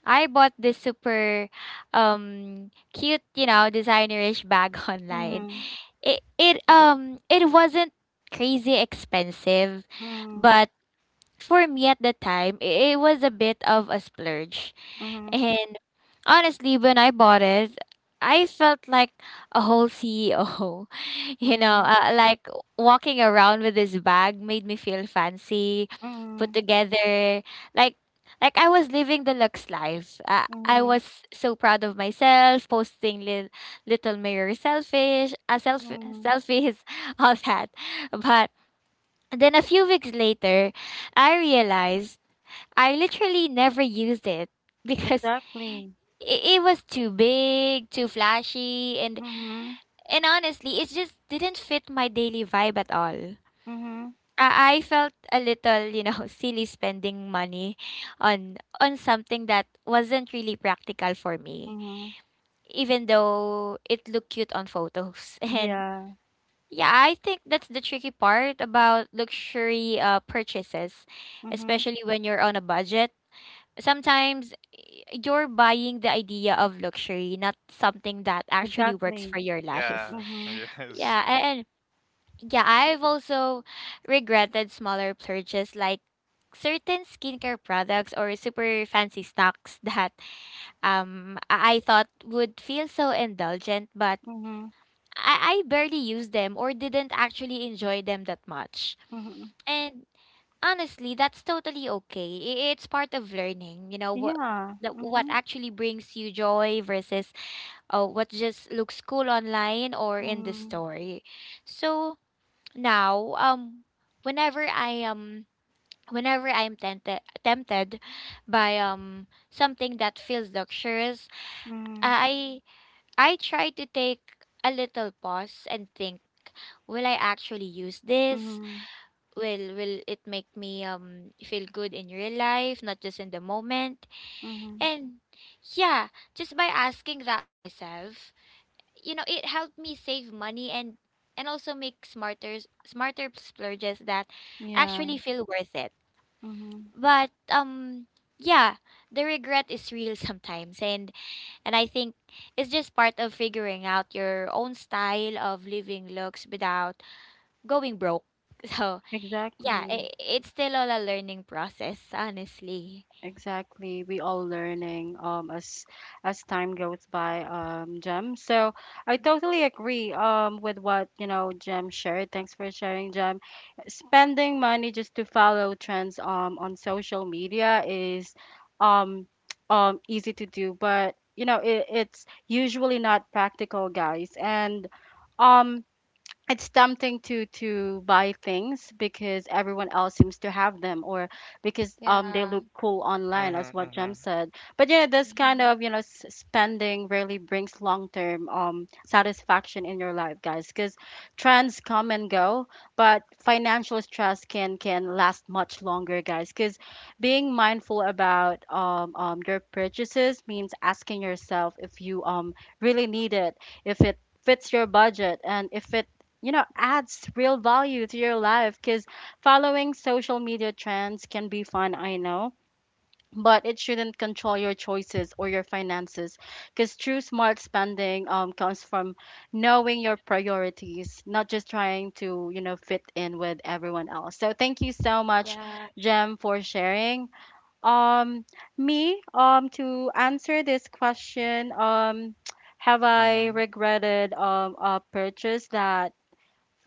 I bought this super um cute, you know, designerish bag <laughs> online. mhm, It it um it wasn't crazy expensive, but for me at the time, i- it was a bit of a splurge. mhm, And honestly, when I bought it, I felt like a whole C E O. <laughs> You mhm, know, mhm, uh, like walking around with this bag made me feel fancy, put mhm, together, like like I was living the luxe life. Uh, I mhm, was so proud of myself, posting li- little mirror selfish, uh, self- mhm. selfies, <laughs> all that. But then a few weeks later, I realized. I literally never used it <laughs> because Exactly. it, it was too big, too flashy, and Mhm, and honestly, it just didn't fit my daily vibe at all. mhm, I, I felt a little, you know, <laughs> silly spending money on on something that wasn't really practical for me, mhm. even though it looked cute on photos. <laughs> And Yeah. yeah, I think that's the tricky part about luxury uh, purchases, Mhm. especially when you're on a budget. Sometimes y- you're buying the idea of luxury, not something that actually works for Exactly. your life. Yeah. <laughs> Mhm. Yes. Yeah, a- and yeah, I've also regretted smaller purchases like certain skincare products or super fancy stocks <laughs> that um I I thought would feel so indulgent, but Mhm, I, I barely used them or didn't actually enjoy them that much. mhm. And honestly, that's totally okay. I- It's part of learning, you know, what Yeah. that what Mhm. actually brings you joy versus uh, what just looks cool online or in the Mm, story. So now, um, whenever I um whenever I'm tempted tempted by um something that feels luxurious, mm, I I try to take a little pause and think, will I actually use this? mhm, will will it make me um feel good in real life, not just in the moment? mhm. And yeah, just by asking that myself, you know, it helped me save money, and and also make smarter smarter splurges that Yeah. actually feel worth it. Mhm. But um yeah, the regret is real <laughs> sometimes, and and I think it's just part of figuring out your own style of living looks without going broke. <laughs> So yeah, Exactly. I it's still all a learning process, honestly. Exactly. We all learning um as as time goes by, um, Jem. So I totally agree um with what, you know, Jem shared. Thanks for sharing, Jem. Spending money just to follow trends um on social media is um <tsk> um easy to do, but you know, it, it's usually not practical, guys. And um it's tempting to to buy things because everyone else seems to have them or because um they Yeah. look cool online, Mhm. as what Jem Mhm. said. But yeah, this kind of, Mhm. you know, s- spending really brings long-term um satisfaction in your life, guys, cuz trends come and go, but financial stress can can last much longer, guys, cuz being mindful about um, um your purchases means asking yourself if you um really need it, if it fits your budget, and if it, you know adds real value to your life. Because following social media trends can be fun, I know, but it shouldn't control your choices or your finances, because true smart spending, um, comes from knowing your priorities, not just trying to, you know fit in with everyone else. So thank you so much, Yeah. jem, for sharing. um Me, um to answer this question, um have I Mhm. regretted um a purchase that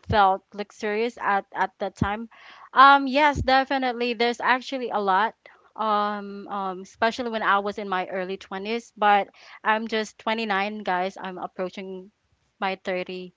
felt luxurious at at that time? Um yes, definitely. There's actually a lot, um um especially when I was in my early twenties. But I'm just twenty-nine, guys, I'm approaching my thirty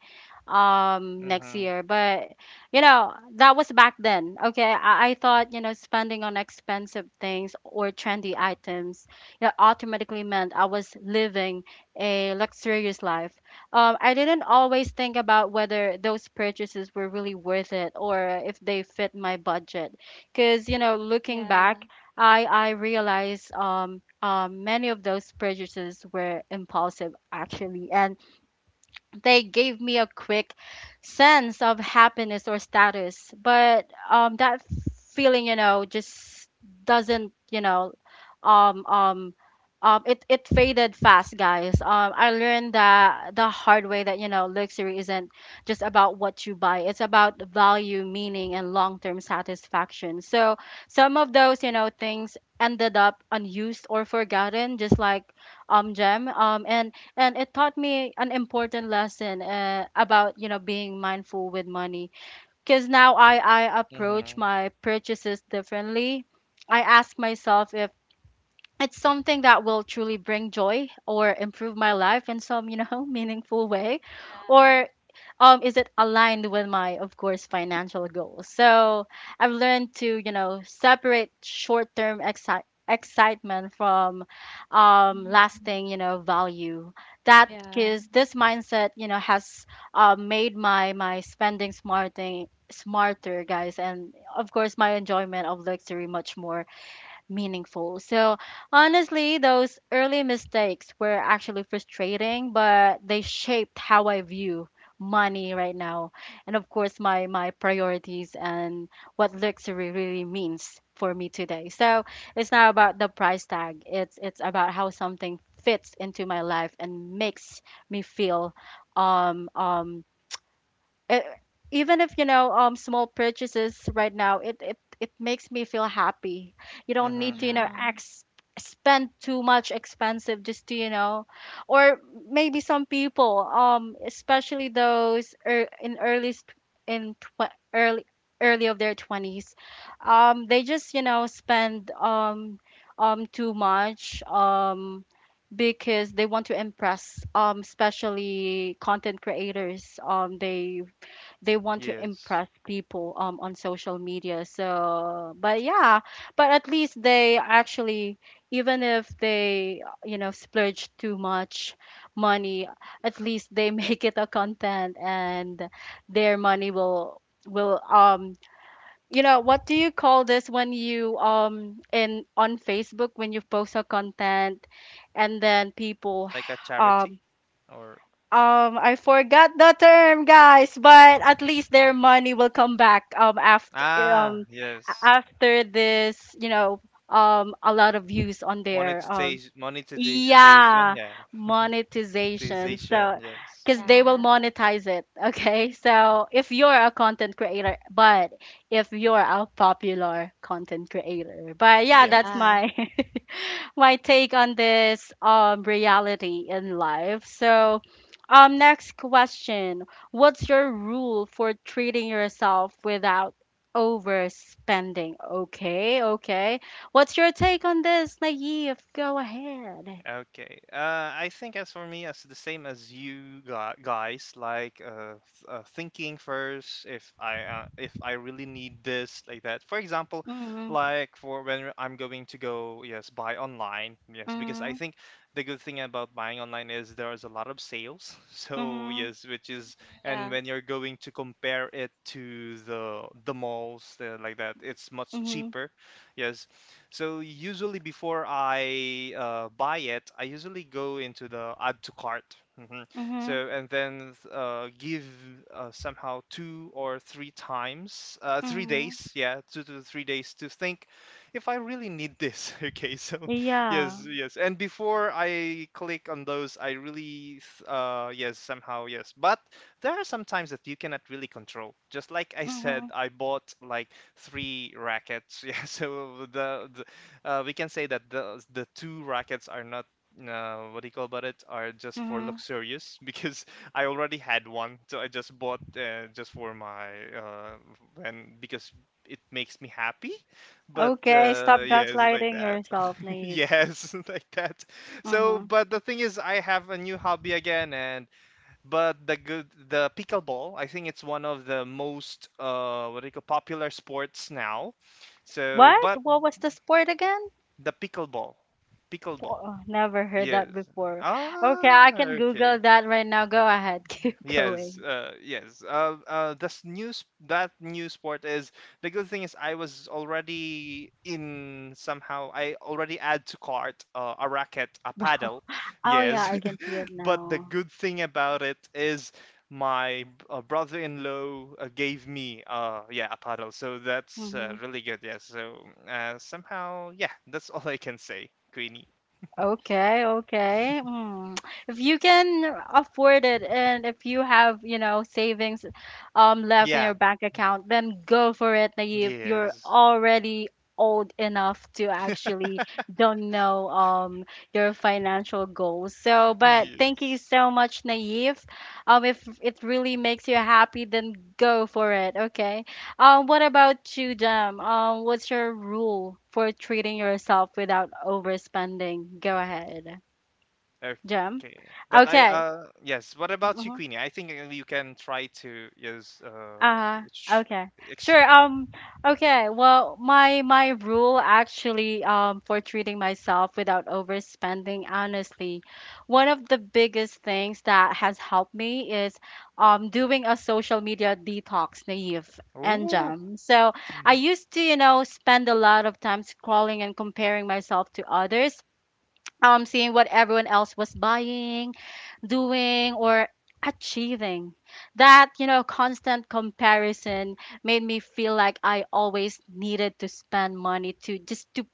um next Mhm. year. But you know, that was back then. Okay, I, I thought, you know, spending on expensive things or trendy items, you automatically meant I was living a luxurious life. um, I didn't always think about whether those purchases were really worth it, or if they fit my budget. Because, you know, looking back, Yeah. i i realized, um, um, many of those purchases were impulsive actually, and they gave me a quick sense of happiness or status. But um that feeling, you know, just doesn't, you know um um um it, it faded fast, guys. um I learned that the hard way, that, you know, luxury isn't just about what you buy. It's about value, meaning, and long-term satisfaction. So some of those, you know things ended up unused or forgotten, just like um gem. Um and and it taught me an important lesson, uh, about, you know being mindful with money. Because now I, I approach Mhm. my purchases differently. I ask myself if it's something that will truly bring joy or improve my life in some, you know <laughs> meaningful way, Yeah. or um is it aligned with my, of course, financial goals. So I've learned to, you know separate short-term exci- excitement from um Mhm. lasting, you know value. That Yeah. is, this mindset, you know, has uh, made my my spending smarting smarter, guys, and of course my enjoyment of luxury much more meaningful. So honestly, those early mistakes were actually frustrating, but they shaped how I view money right now, and of course my my priorities, and what luxury really means for me today. So it's not about the price tag. It's it's about how something fits into my life and makes me feel, um um e- even if, you know, um small purchases right now, it it it makes me feel happy. You don't Mhm. need to, you know Mhm. No. ex- spend too much expensive, just to, you know, or maybe some people, um especially those, er, in early st- in tw- early early of their twenties, um they just, you know, spend, um um too much, um because they want to impress, um especially content creators, um they they want to Yes. impress people um on social media. So but yeah, but at least they actually, even if they, you know, splurge too much money, at least they <laughs> make it a content, and their money will, will um you know, what do you call this, when you, um in on Facebook, when you post a content and then people Like a <sighs> charity um or um I forgot the term, guys, but at least their money will come back um after ah, um a- yes. after this, you know, um a lot of views on their, um Monetization, monetization, yeah, yeah. <laughs> monetization. Monetization. So because they will Yeah. monetize it, <laughs> okay? So if you're a content creator, but if you're a popular content creator, but yeah, Yes. that's Yeah. my <laughs> my take on this um reality in life. So, um next question. What's your rule for treating yourself without overspending? Okay, okay. What's your take on this, Naive? Go ahead. Okay. Uh, I think as for me, as the same as you gu- guys, like uh, th- uh, thinking first if I uh, if I really need this, like that. For example, Mm-hmm. like for when I'm going to go, yes, buy online, yes, because Mm-hmm. I think the good thing about buying online is there is a lot of sales. <laughs> So Mm-hmm. yes, which is, Mhm. and Yeah. when you're going to compare it to the the malls, uh, like that, it's much cheaper. Yes, so usually before I uh, buy it, I usually go into the add to cart. Hmm. So Mm-hmm. and then uh, give uh, somehow two or three times, uh, three Mm-hmm. days, yeah, two to three days to think if I really need this. <laughs> Okay, so Yeah. yes, yes, and before I click on those, I really, th- uh, yes, somehow yes, but there are some times that you cannot really control. Just like I said, Mm-hmm. I bought like three rackets. <laughs> Yeah, so the, the uh, we can say that the the two rackets are not. Uh, what do you call about it? Are just for Mm-hmm. luxurious. <laughs> Because I already had one, so I just bought uh, just for my uh, and because it makes me happy. But Okay, stop uh, yeah, like gaslighting that. yourself, <laughs> Naive. Yes. <laughs> Like that. So, Mm-hmm. but the thing is, I have a new hobby again, and but the good, the pickleball, I think it's one of the most uh, what do you call popular sports now. So, What? but What was the sport again? the pickleball, Po- pickleball, oh, never heard yes. that before. Okay, Ah, I can okay. Google that right now. Go ahead, <laughs> keep Yes, going. uh, yes. Uh, uh, this news that new sport is the good thing is I was already in somehow I already add to cart uh, a racket, a Wow. paddle. Oh yeah, I Yes. can see it <laughs> But now. the good thing about it is my uh, brother-in-law uh, gave me uh, yeah, a paddle, so that's uh, Mhm. really good. Yeah, so uh, somehow, yeah, that's all I can say, Queenie. Okay, okay. Mm. If you can afford it, and if you have, you know, savings um left in Yeah, your bank account, then go for it, Naive. You're yes, already old enough to actually don't know um your financial goals. So, but thank you yes. so much, Naive. Um, if it really makes you happy, then go for it, okay? Um, what about you, Jam? Um, what's your rule for treating yourself without overspending? Go ahead, Jam. Okay, but I Okay. uh yes. What about you, Mm-hmm. Queenie? I think uh, you can try to yes uh Uh-huh. sh- Okay. ex- Sure. Um, okay. Well, my my rule actually um for treating myself without overspending, honestly, one of the biggest things that has helped me is um doing a social media detox, Naive and oh, Jam. So I used to, you know, spend a lot of time scrolling and comparing myself to others, um, seeing what everyone else was buying, doing, or achieving. That, you know, constant comparison made me feel like I always needed to spend money, to just to,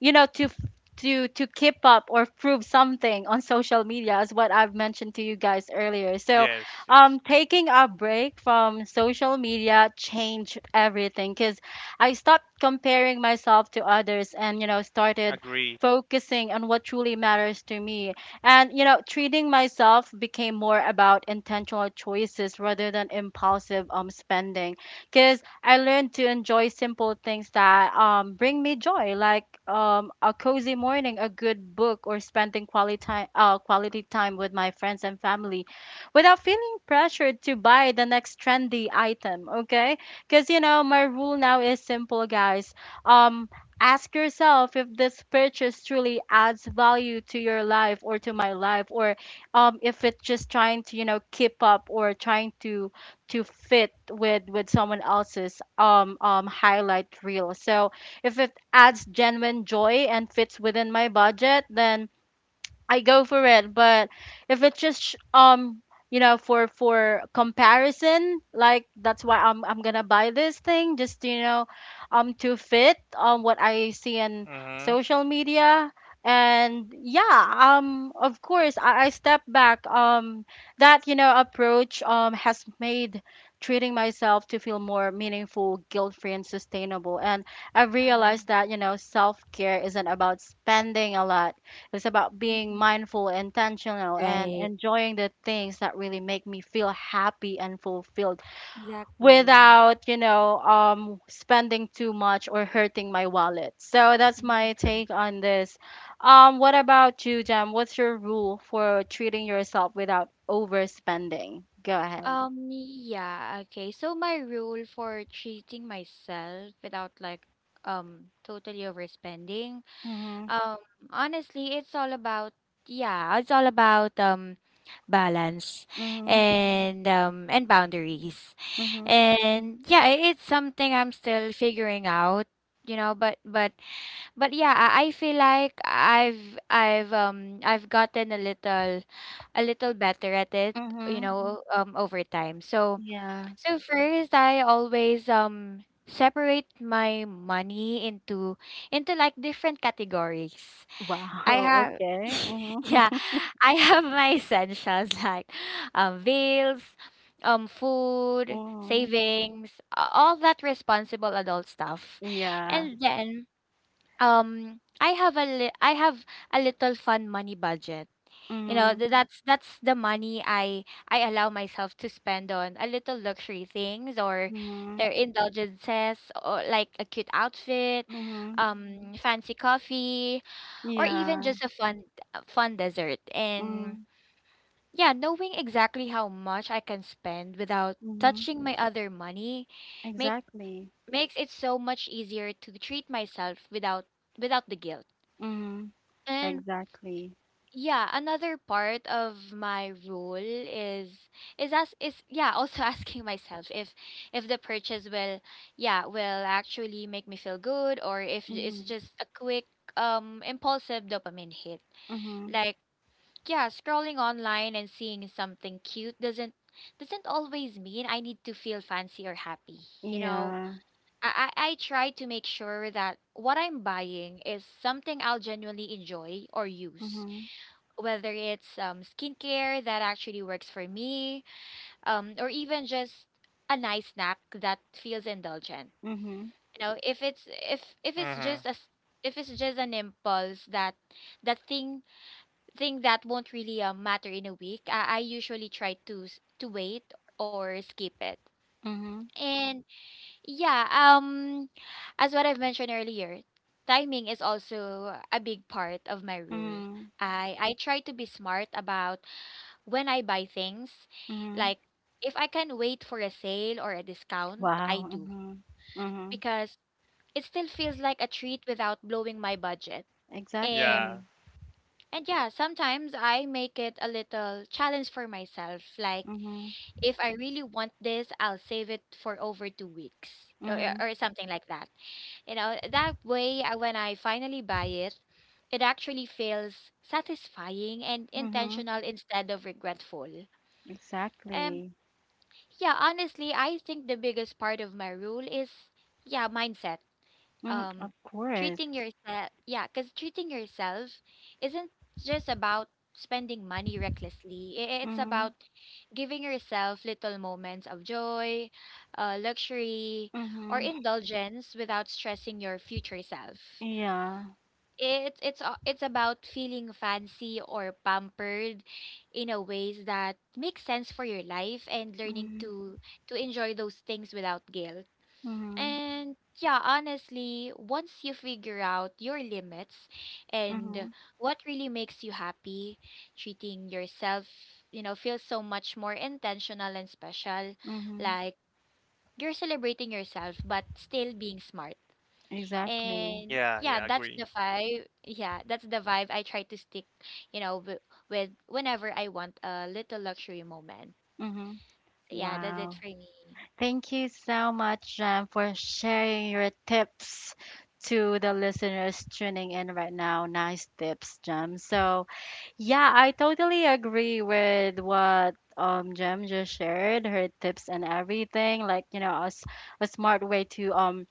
you know to f- to to keep up or prove something on social media, is what I've mentioned to you guys earlier. So, yes, yes, um taking a break from social media changed everything, cuz I stopped comparing myself to others, and, you know, started agree. focusing on what truly matters to me, and, you know, treating myself became more about intentional choices rather than impulsive um spending. Cuz I learned to enjoy simple things that, um, bring me joy, like, um, a cozy morning, a good book, or spending quality time, uh, quality time with my friends and family, without feeling pressured to buy the next trendy item, okay? Because, you know, my rule now is simple, guys. Um, ask yourself if this purchase truly adds value to your life, or to my life, or um, if it's just trying to, you know keep up, or trying to to fit with with someone else's um um highlight reel. So if it adds genuine joy and fits within my budget, then I go for it. But if it's just sh- um you know, for for comparison, like, that's why I'm I'm gonna buy this thing just to, you know, um to fit um what I see in Mm-hmm. social media. And yeah, um of course I, I step back. Um, that, you know, approach um has made treating myself to feel more meaningful, guilt-free, and sustainable. And I realized Um. that, you know, self-care isn't about spending a lot. It's about being mhm. mindful, intentional, and Right. enjoying the things that really make me feel happy and fulfilled, Exactly. without, you know, um, spending too much or hurting my wallet. So that's Mhm. my Mhm. take on this. Um, what about you, Jam? What's your rule for treating yourself without overspending? Go ahead. Um, yeah, okay. So my rule for treating myself without like um totally overspending. Mhm. Um, Honestly, it's all about yeah, it's all about um balance Mhm. and um and boundaries. Mhm. And yeah, i- it's something I'm still figuring out, you know, but but but yeah, I, I feel like I've I've um I've gotten a little a little better at it, you Mhm. Mhm. know, um over time. So Yeah. so first I always um separate my money into into like different categories. Wow. I <laughs> have Okay. <laughs> Mhm. yeah, I have my essentials <laughs> like um bills, um food, Mhm. savings, a- all that responsible adult stuff. Yeah. And then um I have a li- I have a little fun money budget. You know, Mhm. th- that's that's the money I I allow myself to spend on a little luxury things or Mhm. their indulgences or like a cute outfit, Mhm. um fancy coffee, or even Yeah. just a fun a fun dessert. And Mm. yeah, knowing exactly how much I can spend without Mhm. touching my other money make Exactly. makes it so much easier to treat myself without without the guilt. Mhm. And Exactly. yeah, another part of my rule is is as is yeah also <laughs> asking myself if if the purchase will yeah will actually make me feel good, or if it's Mhm. just a quick um impulsive dopamine hit. Mhm. Like yeah, scrolling online and seeing something cute doesn't doesn't always mean I need to feel fancy or happy, you know. Yeah. i i, I try to make sure that what I'm buying is something I'll genuinely enjoy or use, Mhm. whether it's um, skincare that actually works for me, um, or even just a nice snack that feels indulgent. Mhm. You know, if it's if if it's Mm-hmm. just a s- if it's just an impulse that that thing think that won't really uh, matter in a week. I, I usually try to s- to wait or skip it. Mhm. And yeah, um, as what I've mentioned earlier, timing is also a big part of my rule. Mhm. I I try to be smart about when I buy things. Mhm. Like, if I can wait for a sale or a discount, I Wow. do, Mhm. Mhm. because it still feels like a treat without blowing my budget. Yeah. Um Exactly. And yeah, sometimes I make it a little challenge for myself. Like, Mhm. if I really want this, I'll save it for over two weeks or, or Mhm. or something like that. You know, that way, I- when I finally buy it, it actually feels satisfying and Mhm. intentional instead of regretful. Um, Exactly. yeah, honestly, I think the biggest part of my rule is, yeah, mindset. Mhm. Of um course. treating yourself yeah because treating yourself isn't just about spending money recklessly. I- it's Mhm. about giving yourself little moments of joy, uh, luxury or Mhm. indulgence without stressing your future self. Yeah. It's it's a- it's about feeling fancy or pampered in a ways that make sense for your life, and learning Mhm. to to enjoy those things without guilt. Mhm. And yeah, honestly, once you figure out your limits and Mhm. what really makes you happy, treating yourself, you know, feels so much more intentional and special. Mhm. Like, you're celebrating yourself, but still being smart. Exactly. And Yeah, yeah, yeah, that's agree. the vibe. Yeah, that's the vibe I try to stick, you know, w- with whenever I want a little luxury moment. Mhm. So yeah, that's Wow. it for me. Thank you so much, Jem, for sharing your tips to the listeners tuning in right now. Nice tips, Jem. So, yeah, I totally agree with what um Jem just shared, her tips and everything. Like, you know, a, s- a smart way to um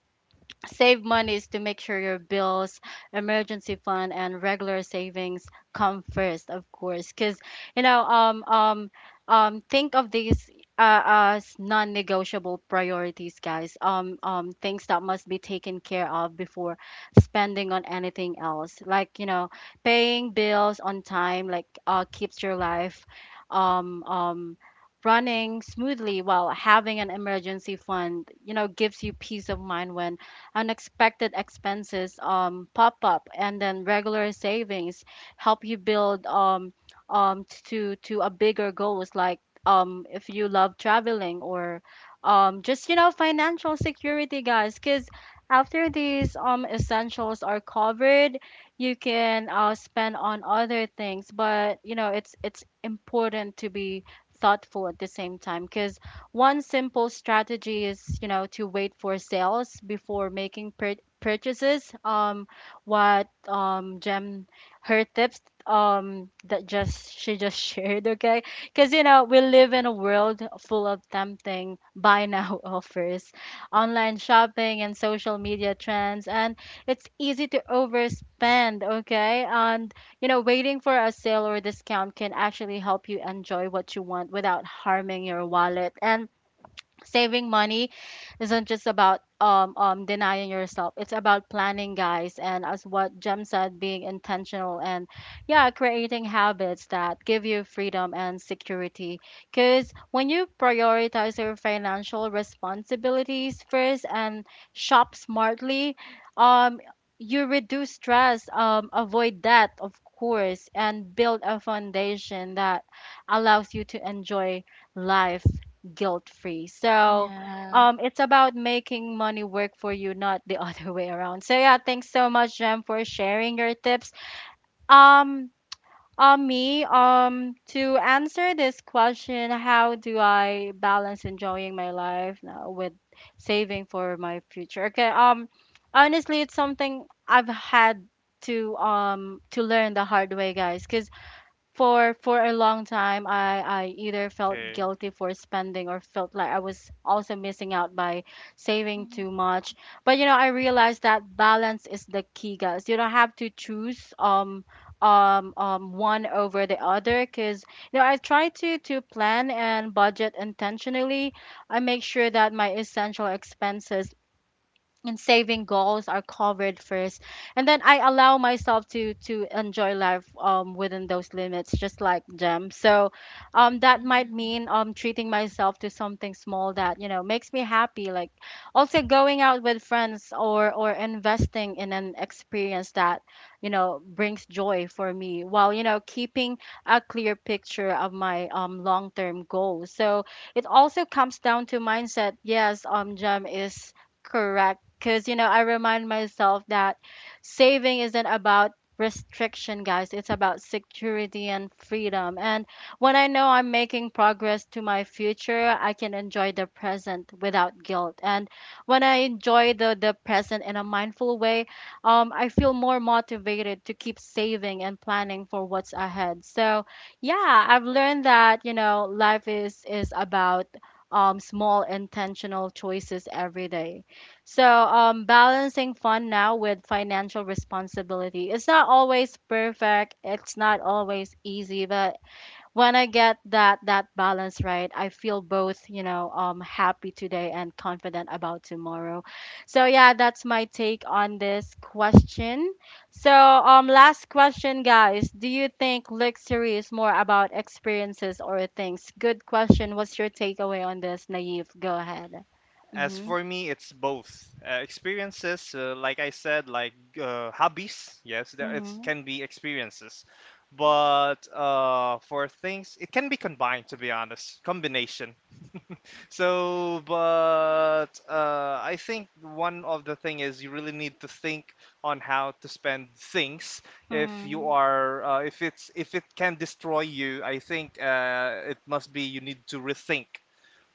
save money, is to make sure your bills, emergency fund, and regular savings come first, of course. Because you know, um, um, um, think of these, uh, as non-negotiable priorities, guys. Um, um, things that must be taken care of before spending on anything else. Like, you know, paying bills on time, like, uh, keeps your life, um, um, running smoothly, while having an emergency fund, you know, gives you peace of mind when unexpected expenses, um, pop up, and then regular savings help you build um, um, to to a bigger goals, like um, if you love traveling, or, um, just, you know, financial security, guys. Because after these, um, essentials are covered, you can, uh, spend on other things, but, you know, it's it's important to be thoughtful at the same time. Because one simple strategy is, you know, to wait for sales before making pur- purchases. Um, what, um Jem, her tips um that just she just <laughs> shared, okay? Because, you know, we live in a world full of tempting buy now <laughs> offers, online shopping, and social media trends, and it's easy to overspend, okay? And, you know, waiting for a sale or discount can actually help you enjoy what you want without harming your wallet. And saving money isn't just about, um, um, denying yourself. It's about planning, guys, and as what jem said, being intentional, and yeah, creating habits that give you freedom and security. Because when you prioritize your financial responsibilities first, and shop smartly, um, you reduce stress, um, avoid debt, of course, and build a foundation that allows you to enjoy life guilt free. So Yeah. um, it's about making money work for you, not the <laughs> other way around. So yeah, thanks so much, Jem, for sharing your tips. Um, on me, um, to answer this question, how do I balance enjoying my life now with saving for my future? Okay, um, honestly, it's something I've had to um to learn the hard way, guys. Because for for a long time I I either felt Okay. guilty for spending, or felt like I was also missing out by saving Mhm. too much. But, you know, I realized that balance is the key, guys. You don't have to choose um um um one over the other, because you know, I try to to plan and budget intentionally. I make sure that my essential expenses and saving goals are covered first, and then I allow myself to to enjoy life um within those limits, just like them. So um that might Mhm. mean um treating myself to something small that, you know, makes me happy, like also going out with friends, or or investing in an experience that, you know, brings joy for me, while, you know, keeping a clear picture of my um long-term goals. So it also comes down to mindset. Yes, um Gem is correct, because, you know, I remind myself that saving isn't about restriction, guys. It's about security and freedom. And when I know I'm making progress to my future, I can enjoy the present without guilt. And when I enjoy the, the present in a mindful way, um, I feel more motivated to keep saving and planning for what's ahead. So, yeah, I've learned that, you know, life is, is about um, small intentional choices every day. So, um, balancing fun now with financial responsibility, it's not always perfect, it's not always easy, but when I get that that balance right, I feel both, you know, um, happy today and confident about tomorrow. So yeah, that's my take on this question. So, um, last question, guys. Do you think luxury is more about experiences or things? Good question. What's your takeaway on this, Naive? Go ahead. As Mm-hmm. for me, it's both uh, experiences. Uh, like I said, like uh, hobbies. Yes, there- it Mm-hmm. can be experiences, but uh, for things, it can be combined. To be honest, combination. <laughs> So, but uh, I think one of the thing is you really need to think on how to spend things. If you Mm, are, uh, if it's, if it can destroy you, I think uh, it must be you need to rethink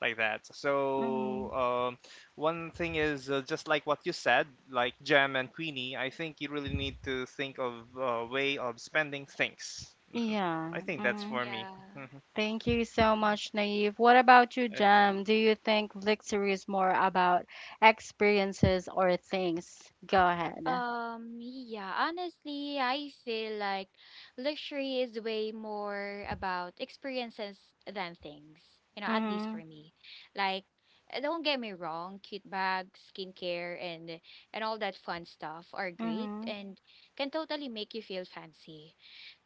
like that. mm, So um, one thing is uh, just like what you said, like Gem and Queenie. I think you really need to think of a way of spending things. <laughs> yeah. I think that's Mhm. Mm. for me. <laughs> Yeah. Thank you so much, Naive. What about you, Okay. Jam? Do you think victory is more about experiences or things? Go ahead. Um, yeah, honestly, I feel like luxury is way more about experiences than things, you know, at least Mm-hmm. for me. Like, uh, don't get me wrong, cute bags, skincare, and and all that fun stuff are great Mm-hmm. and can totally make you feel fancy.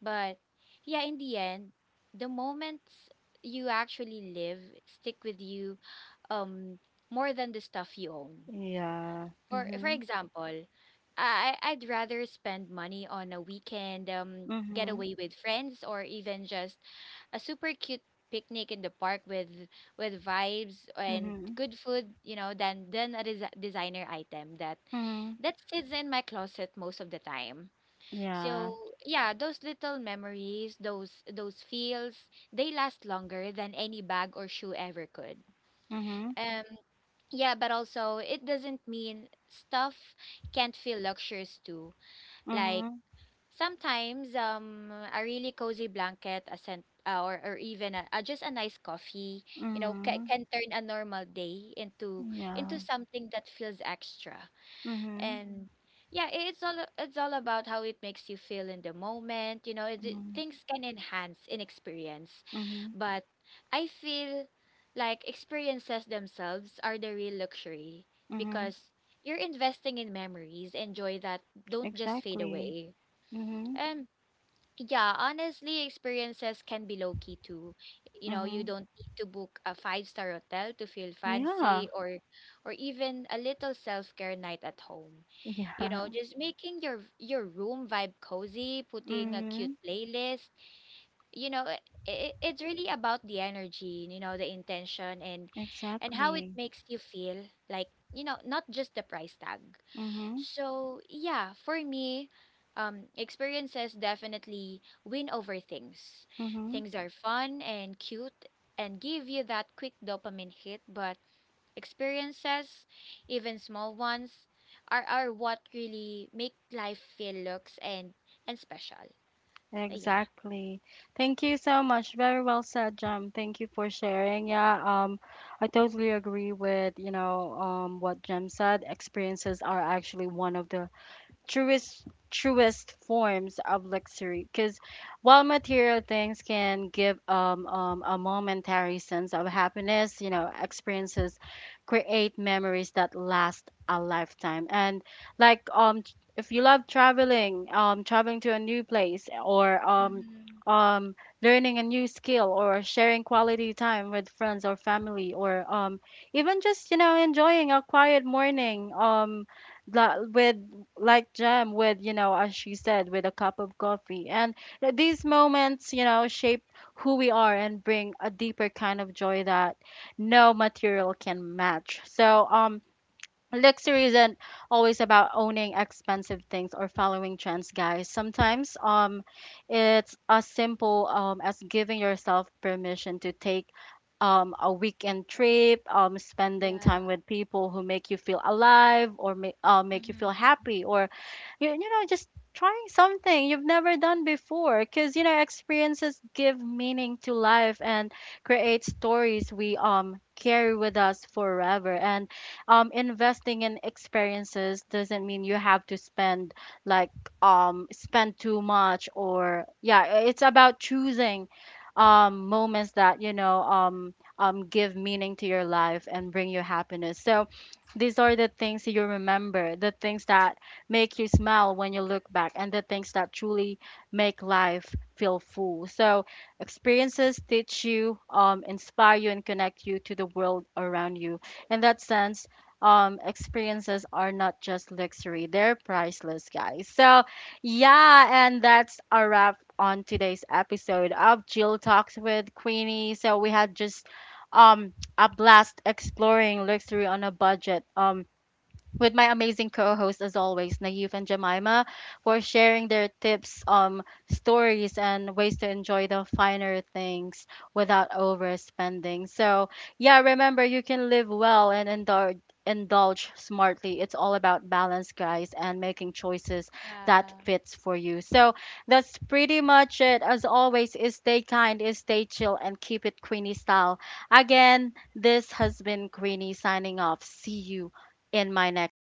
But yeah, in the end, the moments you actually live stick with you um more than the stuff you own. Yeah. For for Mm-hmm. example, I I- would rather spend money on a weekend um Mm-hmm. getaway with friends, or even just a super cute picnic in the park with with vibes and Mm-hmm. good food, you know, than than a des designer item that Mm-hmm. that sits in my closet most of the time. Yeah. So yeah, those little memories, those those feels, they last longer than any bag or shoe ever could. Mm-hmm. Um, yeah, but also it doesn't mean stuff can't feel luxurious too. Like, Mm-hmm. sometimes um a really cozy blanket, a scent uh, or or even a, uh, just a nice coffee, you know, ca- Mm-hmm. can turn a normal day into into Yeah. something that feels extra. Mm-hmm. And yeah, i- it's all it's all about how it makes you feel in the moment, you know. it, it- Mm-hmm. Things can enhance in experience, Mm-hmm. but I feel like experiences themselves are the real luxury, Mm-hmm. because you're investing in memories and joy that don't just fade Exactly. away. Mm-hmm. Yeah, honestly, experiences can be low key too. You know, you Mm-hmm. don't need to book a five-star hotel to feel Yeah. fancy, or or even a little self-care night at home. You Yeah. know, <laughs> just making your your room vibe cozy, putting a cute Mm-hmm. playlist. You know, it, it, it's really about the energy, you know, the intention and and how it Exactly. makes you feel, like, you know, not just the price tag. Mm-hmm. So yeah, for me, um, experiences definitely win over things. Mm-hmm. Things are fun and cute and give you that quick dopamine hit, but experiences, even small ones, are, are what really make life feel looks and and special. So, yeah. Exactly. Thank you so much. Very well said, Jem. Thank you for sharing. Yeah, um, I totally agree with, you know, um, what Jem said. Experiences are actually one of the truest truest forms of luxury, because while material things can give um, um, a momentary sense of happiness, you know, experiences create memories that last a lifetime. And like um t- if you love traveling, um traveling to a new place, or um Mm-hmm. um learning a new skill, or sharing quality time with friends or family, or um even just, you know, enjoying a quiet morning, um la- with, like Jam, with, you know, as she said, with a cup of coffee. And th- these moments, you know, shape who we are and bring a deeper kind of joy that no material can match. So, um, luxury isn't always about owning expensive things or following trends, guys. Sometimes um it's as simple um as giving yourself permission to take um a weekend trip, um spending Yeah. time with people who make you feel alive, or make uh, make you feel Mm-hmm. happy, or you, you know, just trying something you've never done before, because, you know, experiences give meaning to life and create stories we um carry with us forever. And um, investing in experiences doesn't mean you have to spend, like, um, spend too much. Or yeah, it's about choosing um, moments that, you know, um, um, give meaning to your life and bring you happiness. So these are the things you remember, the things that make you smile when you look back, and the things that truly make life feel full. So experiences teach you, um, inspire you, and connect you to the world around you. In that sense, um experiences are not just luxury, they're priceless, guys. So, yeah, and that's a wrap on today's episode of Jill Talks with Queenie. So, we had just um a blast exploring luxury on a budget. Um with my amazing co-hosts as always, Naive and Jemima, for sharing their tips, um, stories, and ways to enjoy the finer things without overspending. So yeah, remember you can live well and indulge indulge smartly. It's all about balance, guys, and making choices that Yeah. fits for you. So that's pretty much it. As always, is stay kind, is stay chill, and keep it Queenie style. Again, this has been Queenie signing off. See you in my next